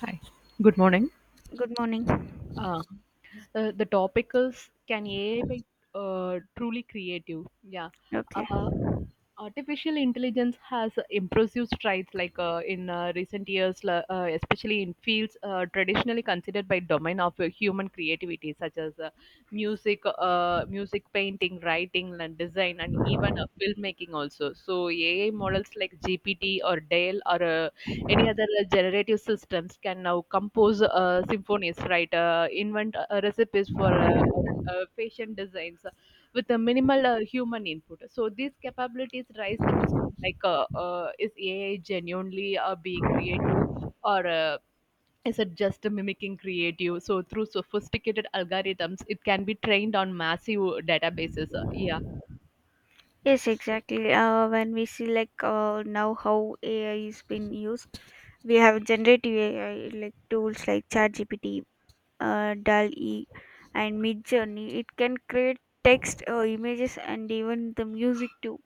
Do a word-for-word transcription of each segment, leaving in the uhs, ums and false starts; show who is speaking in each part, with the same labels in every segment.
Speaker 1: Hi. Good morning.
Speaker 2: Good morning.
Speaker 1: Uh, the the topic is, can A I be uh, truly creative? Yeah.
Speaker 2: Okay.
Speaker 1: Uh, Artificial intelligence has impressive strides like uh, in uh, recent years la- uh, especially in fields uh, traditionally considered by domain of uh, human creativity such as uh, music uh, music, painting, writing and design, and even uh, filmmaking also. So AI models like GPT or dale or uh, any other uh, generative systems can now compose uh, symphonies, right, uh, invent uh, recipes for uh, or, uh, fashion designs with a minimal uh, human input. So these capabilities raise the question, like, uh, uh, is A I genuinely uh, being creative or uh, is it just mimicking creative? So through sophisticated algorithms, it can be trained on massive databases. Uh, yeah.
Speaker 2: Yes, exactly. Uh, when we see like uh, now how A I is being used, we have generative A I like tools like ChatGPT, uh, Dall e and MidJourney. It can create text, uh, images, and even the music too.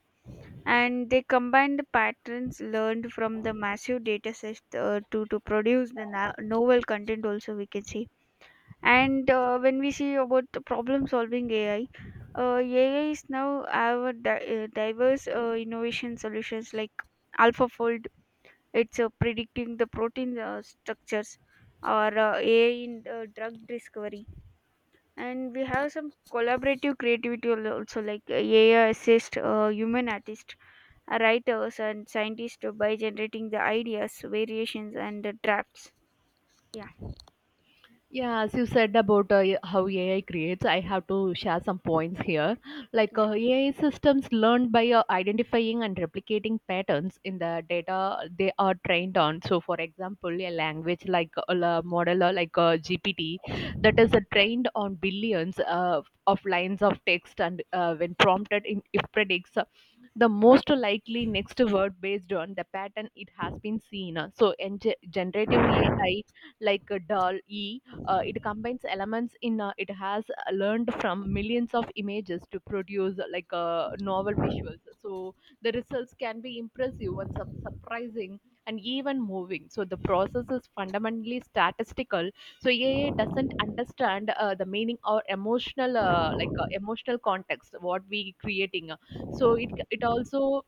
Speaker 2: And they combine the patterns learned from the massive data sets uh, to to produce the na- novel content. Also, we can see. And uh, when we see about the problem solving A I, uh, A I is now have a di- uh, diverse uh, innovation solutions like AlphaFold. It's uh, predicting the protein uh, structures or uh, A I in uh, drug discovery. And we have some collaborative creativity al- also like uh, A I assist uh, human artists, uh, writers and scientists by generating the ideas, variations and the drafts. Yeah.
Speaker 1: Yeah, as you said about uh, how A I creates, I have to share some points here. Like
Speaker 2: Yeah.
Speaker 1: uh, A I systems learn by uh, identifying and replicating patterns in the data they are trained on. So, for example, a language like a la- model uh, like uh, G P T that is uh, trained on billions uh, of lines of text, and uh, when prompted, in, it predicts uh, the most likely next word based on the pattern it has been seen. So, in ge- generative A I like uh, D a doll e, uh, it combines elements in uh, it has uh, learned from millions of images to produce uh, like uh, novel visuals. So the results can be impressive and sup- surprising and even moving. So the process is fundamentally statistical. So A I doesn't understand uh, the meaning or emotional uh, like uh, emotional context what we creating. So it it also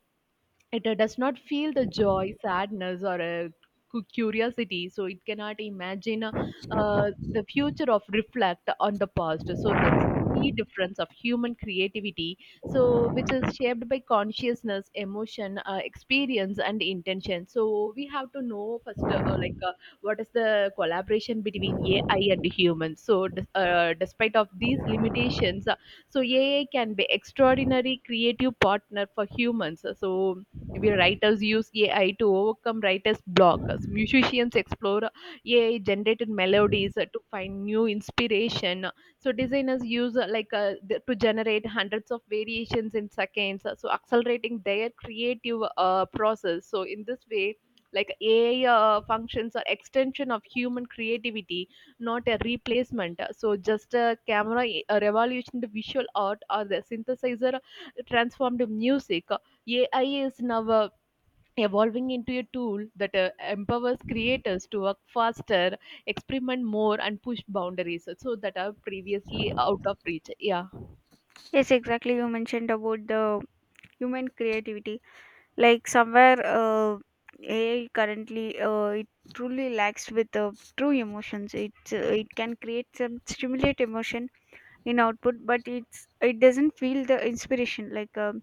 Speaker 1: it uh, does not feel the joy, sadness, or a cu- curiosity, so it cannot imagine uh, uh, the future of reflect on the past. So that's the key difference of human creativity, so which is shaped by consciousness, emotion, uh, experience and intention. So we have to know first uh, uh, like uh, what is the collaboration between AI and humans. So des- uh, despite of these limitations, uh, so A I can be extraordinary creative partner for humans. So maybe writers use A I to overcome writer's block. So musicians explore A I generated melodies uh, to find new inspiration. So designers use uh, like uh, th- to generate hundreds of variations in seconds. uh, So accelerating their creative uh, process. So in this way, like A I uh, functions are extension of human creativity, not a replacement. So just a camera uh, revolutioned visual art or the synthesizer transformed music. A I is now uh, evolving into a tool that uh, empowers creators to work faster, experiment more, and push boundaries uh, so that are previously out of reach. Yeah,
Speaker 2: Yes, exactly. You mentioned about the human creativity like somewhere uh, AI currently uh, it truly lacks with uh, true emotions it uh, it can create some stimulate emotion in output but it's it doesn't feel the inspiration like um,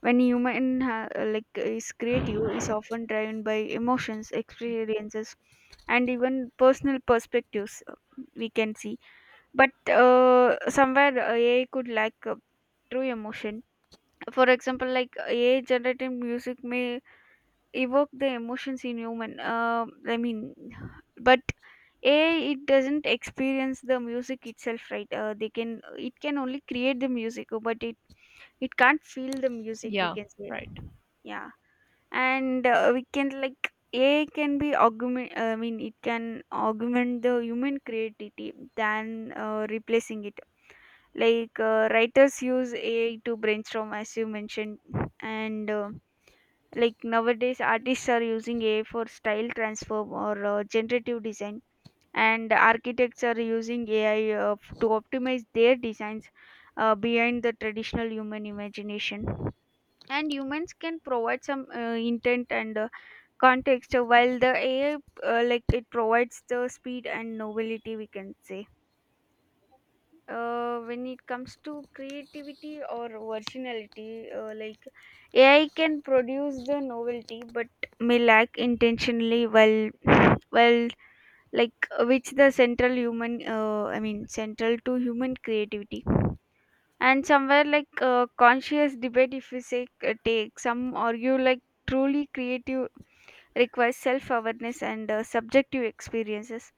Speaker 2: when human ha- like is creative is often driven by emotions experiences and even personal perspectives, uh, we can see. But uh, somewhere uh, AI could lack uh, true emotion. For example, like A I generated music may evoke the emotions in human. Um I mean, but A I it doesn't experience the music itself, right? Uh, they can it can only create the music, but it it can't feel the music. We
Speaker 1: yeah,
Speaker 2: can say,
Speaker 1: right.
Speaker 2: yeah, and uh, we can like A I can be augment. I mean, it can augment the human creativity than uh, replacing it. Like uh, writers use A I to brainstorm, as you mentioned, and uh, like nowadays, artists are using A I for style transform or uh, generative design, and architects are using A I uh, f- to optimize their designs uh, behind the traditional human imagination. And humans can provide some uh, intent and uh, context, uh, while the A I, uh, like it provides the speed and novelty, we can say. Uh, when it comes to creativity or originality, uh, like A I can produce the novelty, but may lack intentionally while while like which the central human, uh, I mean central to human creativity. And somewhere like uh, conscious debate, if we say uh, take some argue like truly creative requires self awareness and uh, subjective experiences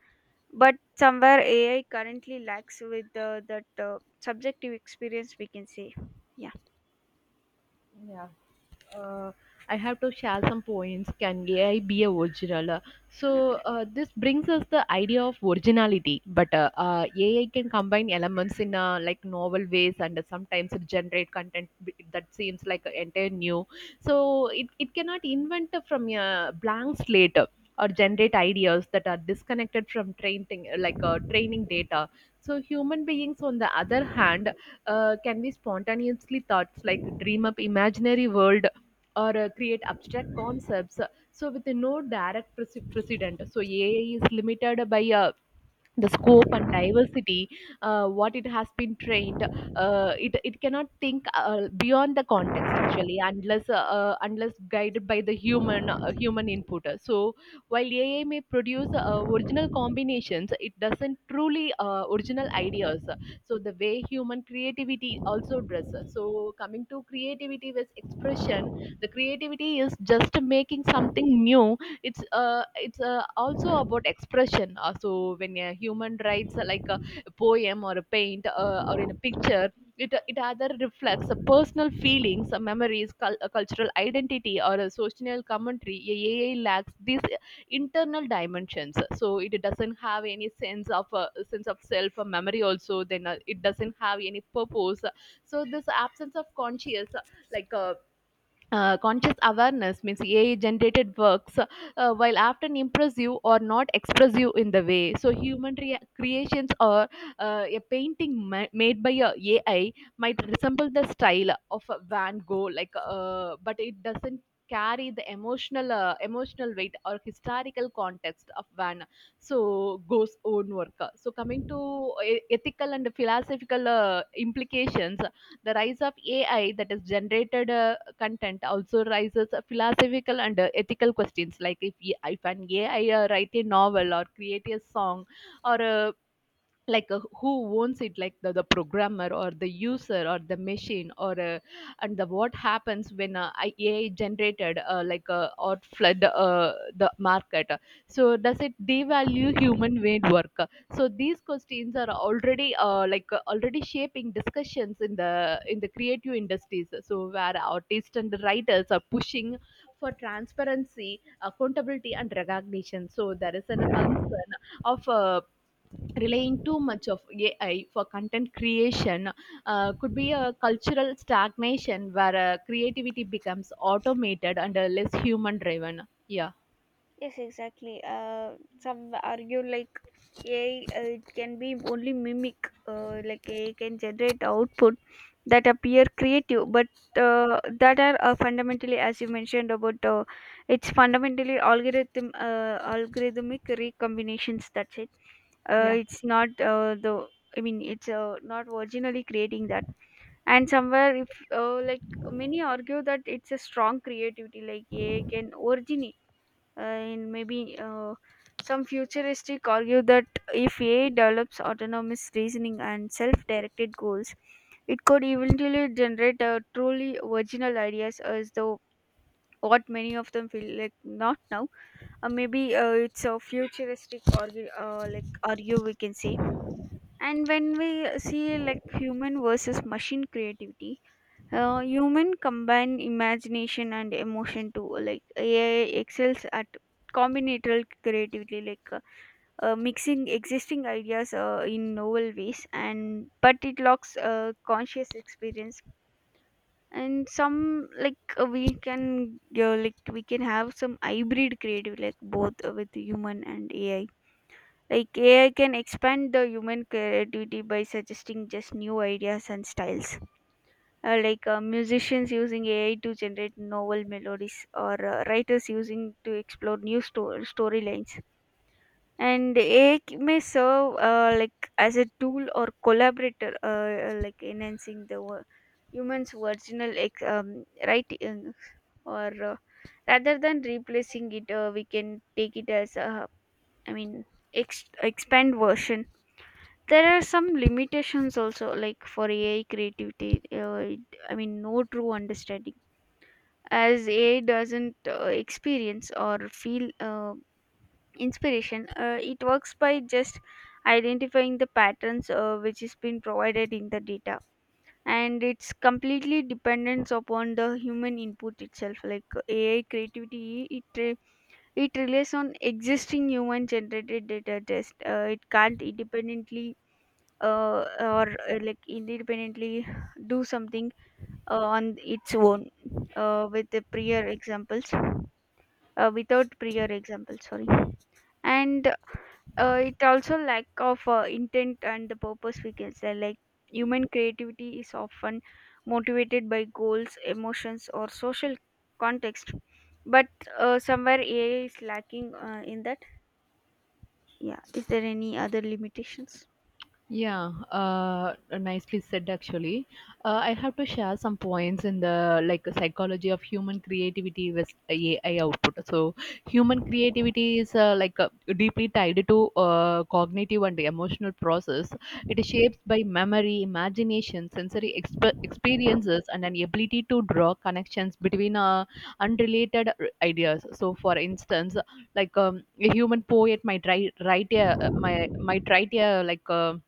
Speaker 2: but somewhere A I currently lacks with the, that uh, subjective experience, we can say. Yeah,
Speaker 1: Yeah, uh, I have to share some points. Can A I be a original? So
Speaker 2: okay.
Speaker 1: uh, this brings us the idea of originality. But uh, uh, A I can combine elements in uh, like novel ways, and sometimes it generate content b- that seems like entire new. So it, it cannot invent from a blank slate or generate ideas that are disconnected from training, like uh, training data. So human beings, on the other hand, uh, can be spontaneously thoughts, like dream up imaginary world or uh, create abstract concepts, uh, so with no direct prece- precedent. So A I is limited by uh, the scope and diversity uh, what it has been trained. Uh, it, it cannot think uh, beyond the context actually, unless uh, uh, unless guided by the human uh, human input. So while AI may produce uh, original combinations, it doesn't truly uh, original ideas, so the way human creativity also does. So coming to creativity with expression, the creativity is just making something new. It's uh, it's uh, also about expression. Uh, so when a human writes uh, like a poem or a paint uh, or in a picture, it, it either reflects a personal feelings, uh, memories, cul- a cultural identity, or a social commentary. A AI lacks these internal dimensions, so it doesn't have any sense of uh, sense of self or memory also. Then uh, it doesn't have any purpose. So this absence of conscious uh, like uh, uh, conscious awareness means A I generated works, uh, while often impressive or not expressive in the way. So human rea- creations or uh, a painting ma- made by a AI might resemble the style of a Van Gogh, like, uh, but it doesn't carry the emotional uh, emotional weight or historical context of Van so Gogh's own work. So coming to e- ethical and philosophical uh, implications, the rise of A I, that is generated uh, content, also raises philosophical and uh, ethical questions. Like, if if an A I uh, write a novel or create a song or uh, like uh, who owns it, like the, the programmer or the user or the machine? Or uh, and the what happens when uh, I- AI generated uh, like uh, or flood uh, the market? So does it devalue human made work? So these questions are already uh, like uh, already shaping discussions in the in the creative industries, so where artists and the writers are pushing for transparency, accountability and recognition. So there is an, a concern of uh, relying too much of A I for content creation uh, could be a cultural stagnation where uh, creativity becomes automated and uh, less human driven. Yeah,
Speaker 2: Yes, exactly. Uh, some argue like A I uh, it can be only mimic, uh, like A I can generate output that appear creative, but uh, that are uh, fundamentally, as you mentioned about, uh, it's fundamentally algorithm uh, algorithmic recombinations. That's it. Uh,
Speaker 1: yeah.
Speaker 2: it's not uh, the. I mean, it's uh, not originally creating that. And somewhere if uh, like many argue that it's a strong creativity like A I can originate uh, in maybe uh, some futuristic argue that if A I develops autonomous reasoning and self-directed goals. It could eventually generate uh, truly original ideas as though what many of them feel like not now. Uh, maybe uh, It's a futuristic argue uh, like argue, we can say. And when we see like human versus machine creativity, uh, human combine imagination and emotion too. Like A I excels at combinatorial creativity, like uh, uh, mixing existing ideas uh, in novel ways, and but it lacks uh, conscious experience. And some like uh, we can uh, like we can have some hybrid creative, like both uh, with human and A I. Like A I can expand the human creativity by suggesting just new ideas and styles, uh, like uh, musicians using A I to generate novel melodies or uh, writers using to explore new sto- storylines. And A I may serve uh, like as a tool or collaborator, uh, uh, like enhancing the wo- human's original ex- um, writing, or uh, rather than replacing it. Uh, we can take it as a, I mean, ex- expand version. There are some limitations also, like for A I creativity, uh, it- I mean, no true understanding as A I doesn't uh, experience or feel uh, inspiration. Uh, it works by just identifying the patterns uh, which has been provided in the data, and it's completely dependent upon the human input itself. like uh, AI creativity it re- it relies on existing human generated data. Just uh, It can't independently uh, or uh, like independently do something uh, on its own uh, with the prior examples uh, without prior example, sorry. And uh, it also lack of uh, intent and the purpose, we can say. Like human creativity is often motivated by goals, emotions or social context, but uh, somewhere AI is lacking uh, in that. Yeah, is there any other limitations?
Speaker 1: Yeah, uh, nicely said actually. Uh, I have to share some points in the like psychology of human creativity with A I output. So human creativity is uh, like uh, deeply tied to uh, cognitive and emotional process. It is shaped by memory, imagination, sensory exp- experiences, and an ability to draw connections between uh, unrelated r- ideas. So, for instance, like um, a human poet might write, write a, my might write a like. Um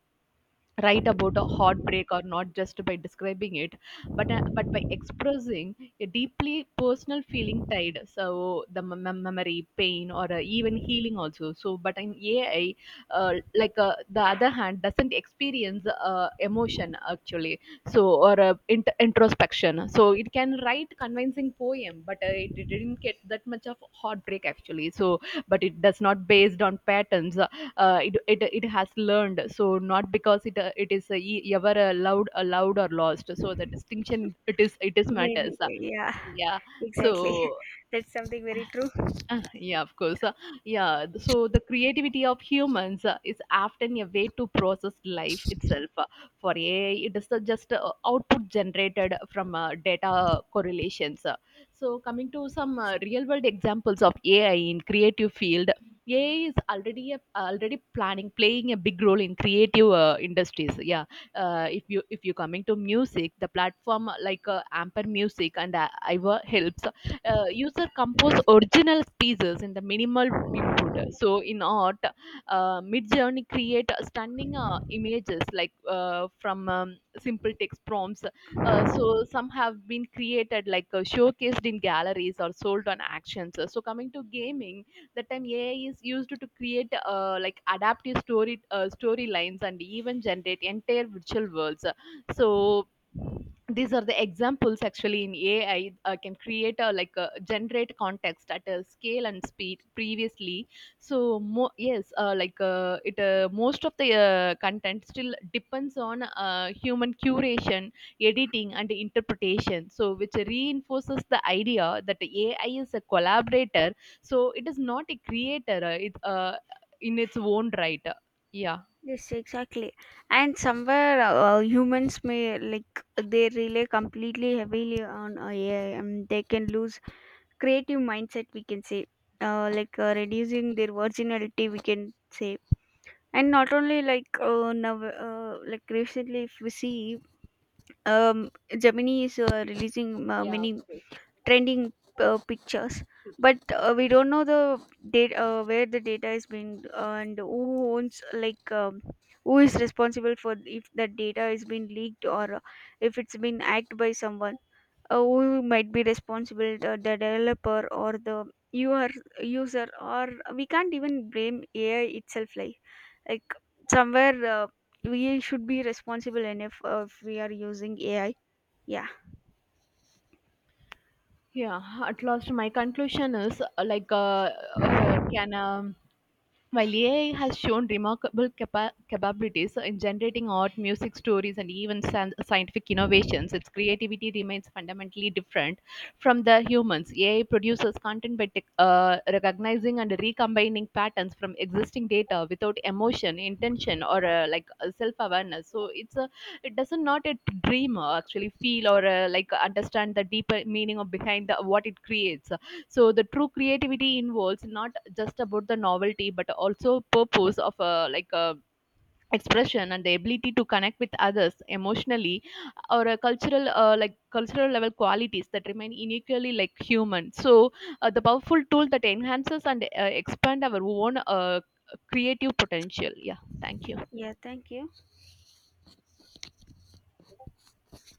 Speaker 1: write about a heartbreak or not just by describing it, but uh, but by expressing a deeply personal feeling tied so the mem- mem- memory pain or uh, even healing also. So but in AI, uh, like uh, the other hand doesn't experience uh, emotion actually. So or uh, int- introspection, so it can write convincing poem, but uh, it didn't get that much of heartbreak actually. So but it does not based on patterns uh, it, it it has learned, so not because it uh, it is uh, e- ever allowed allowed or lost. So the distinction it is it is
Speaker 2: Maybe.
Speaker 1: matters,
Speaker 2: Yeah.
Speaker 1: yeah.
Speaker 2: Exactly.
Speaker 1: So
Speaker 2: That's something very true.
Speaker 1: uh, yeah, of course. Uh, yeah, th- so the creativity of humans uh, is often a way to process life itself. Uh, for A I, it is uh, just uh, output generated from uh, data correlations. Uh, so coming to some uh, real world examples of A I in creative field, A I is already a, already planning playing a big role in creative uh, industries. Yeah, uh, if you if you coming to music, the platform uh, like uh, Amper Music and uh, Iva helps uh, user compose original pieces in the minimal input. So in art, uh, Midjourney create stunning uh, images like uh, from um, simple text prompts. Uh, so some have been created like uh, showcased in galleries or sold on actions. So coming to gaming, the time A I is used to create uh, like adaptive story uh, storylines and even generate entire virtual worlds. So these are the examples actually in AI uh, can create a like a generate context at a scale and speed previously. So mo- yes, uh, like uh, it uh, most of the uh, content still depends on uh, human curation, editing and interpretation, so which reinforces the idea that AI is a collaborator, so it is not a creator, uh, it, uh, in its own right. Yeah.
Speaker 2: Yes, exactly. And somewhere uh, humans may like they rely completely heavily on uh, A I and they can lose creative mindset, we can say. Uh, like uh, reducing their originality, we can say. And not only like uh, now uh, like recently if we see, um Gemini is uh, releasing uh,
Speaker 1: Yeah, of
Speaker 2: many
Speaker 1: course.
Speaker 2: trending uh, pictures, but uh, we don't know the data, uh, where the data is being, uh, and who owns, like um, who is responsible for if that data is being leaked or uh, if it's been hacked by someone. Uh, who might be responsible? The, the developer or the user user, or uh, we can't even blame AI itself. Like like somewhere uh, we should be responsible enough uh, if we are using AI. Yeah.
Speaker 1: Yeah, at last my conclusion is uh, like uh, uh, can um, while A I has shown remarkable capa- capabilities in generating art, music, stories, and even san- scientific innovations, its creativity remains fundamentally different from the humans. A I produces content by tech- uh, recognizing and recombining patterns from existing data without emotion, intention, or uh, like self awareness. So it's a it doesn't not a dream uh, actually feel or uh, like understand the deeper meaning of behind the, what it creates. So the true creativity involves not just about the novelty, but also purpose of uh, like uh, expression and the ability to connect with others emotionally, or a cultural uh, like cultural level qualities that remain uniquely like human. So uh, the powerful tool that enhances and uh, expand our own uh, creative potential. Yeah, thank you.
Speaker 2: Yeah, thank you.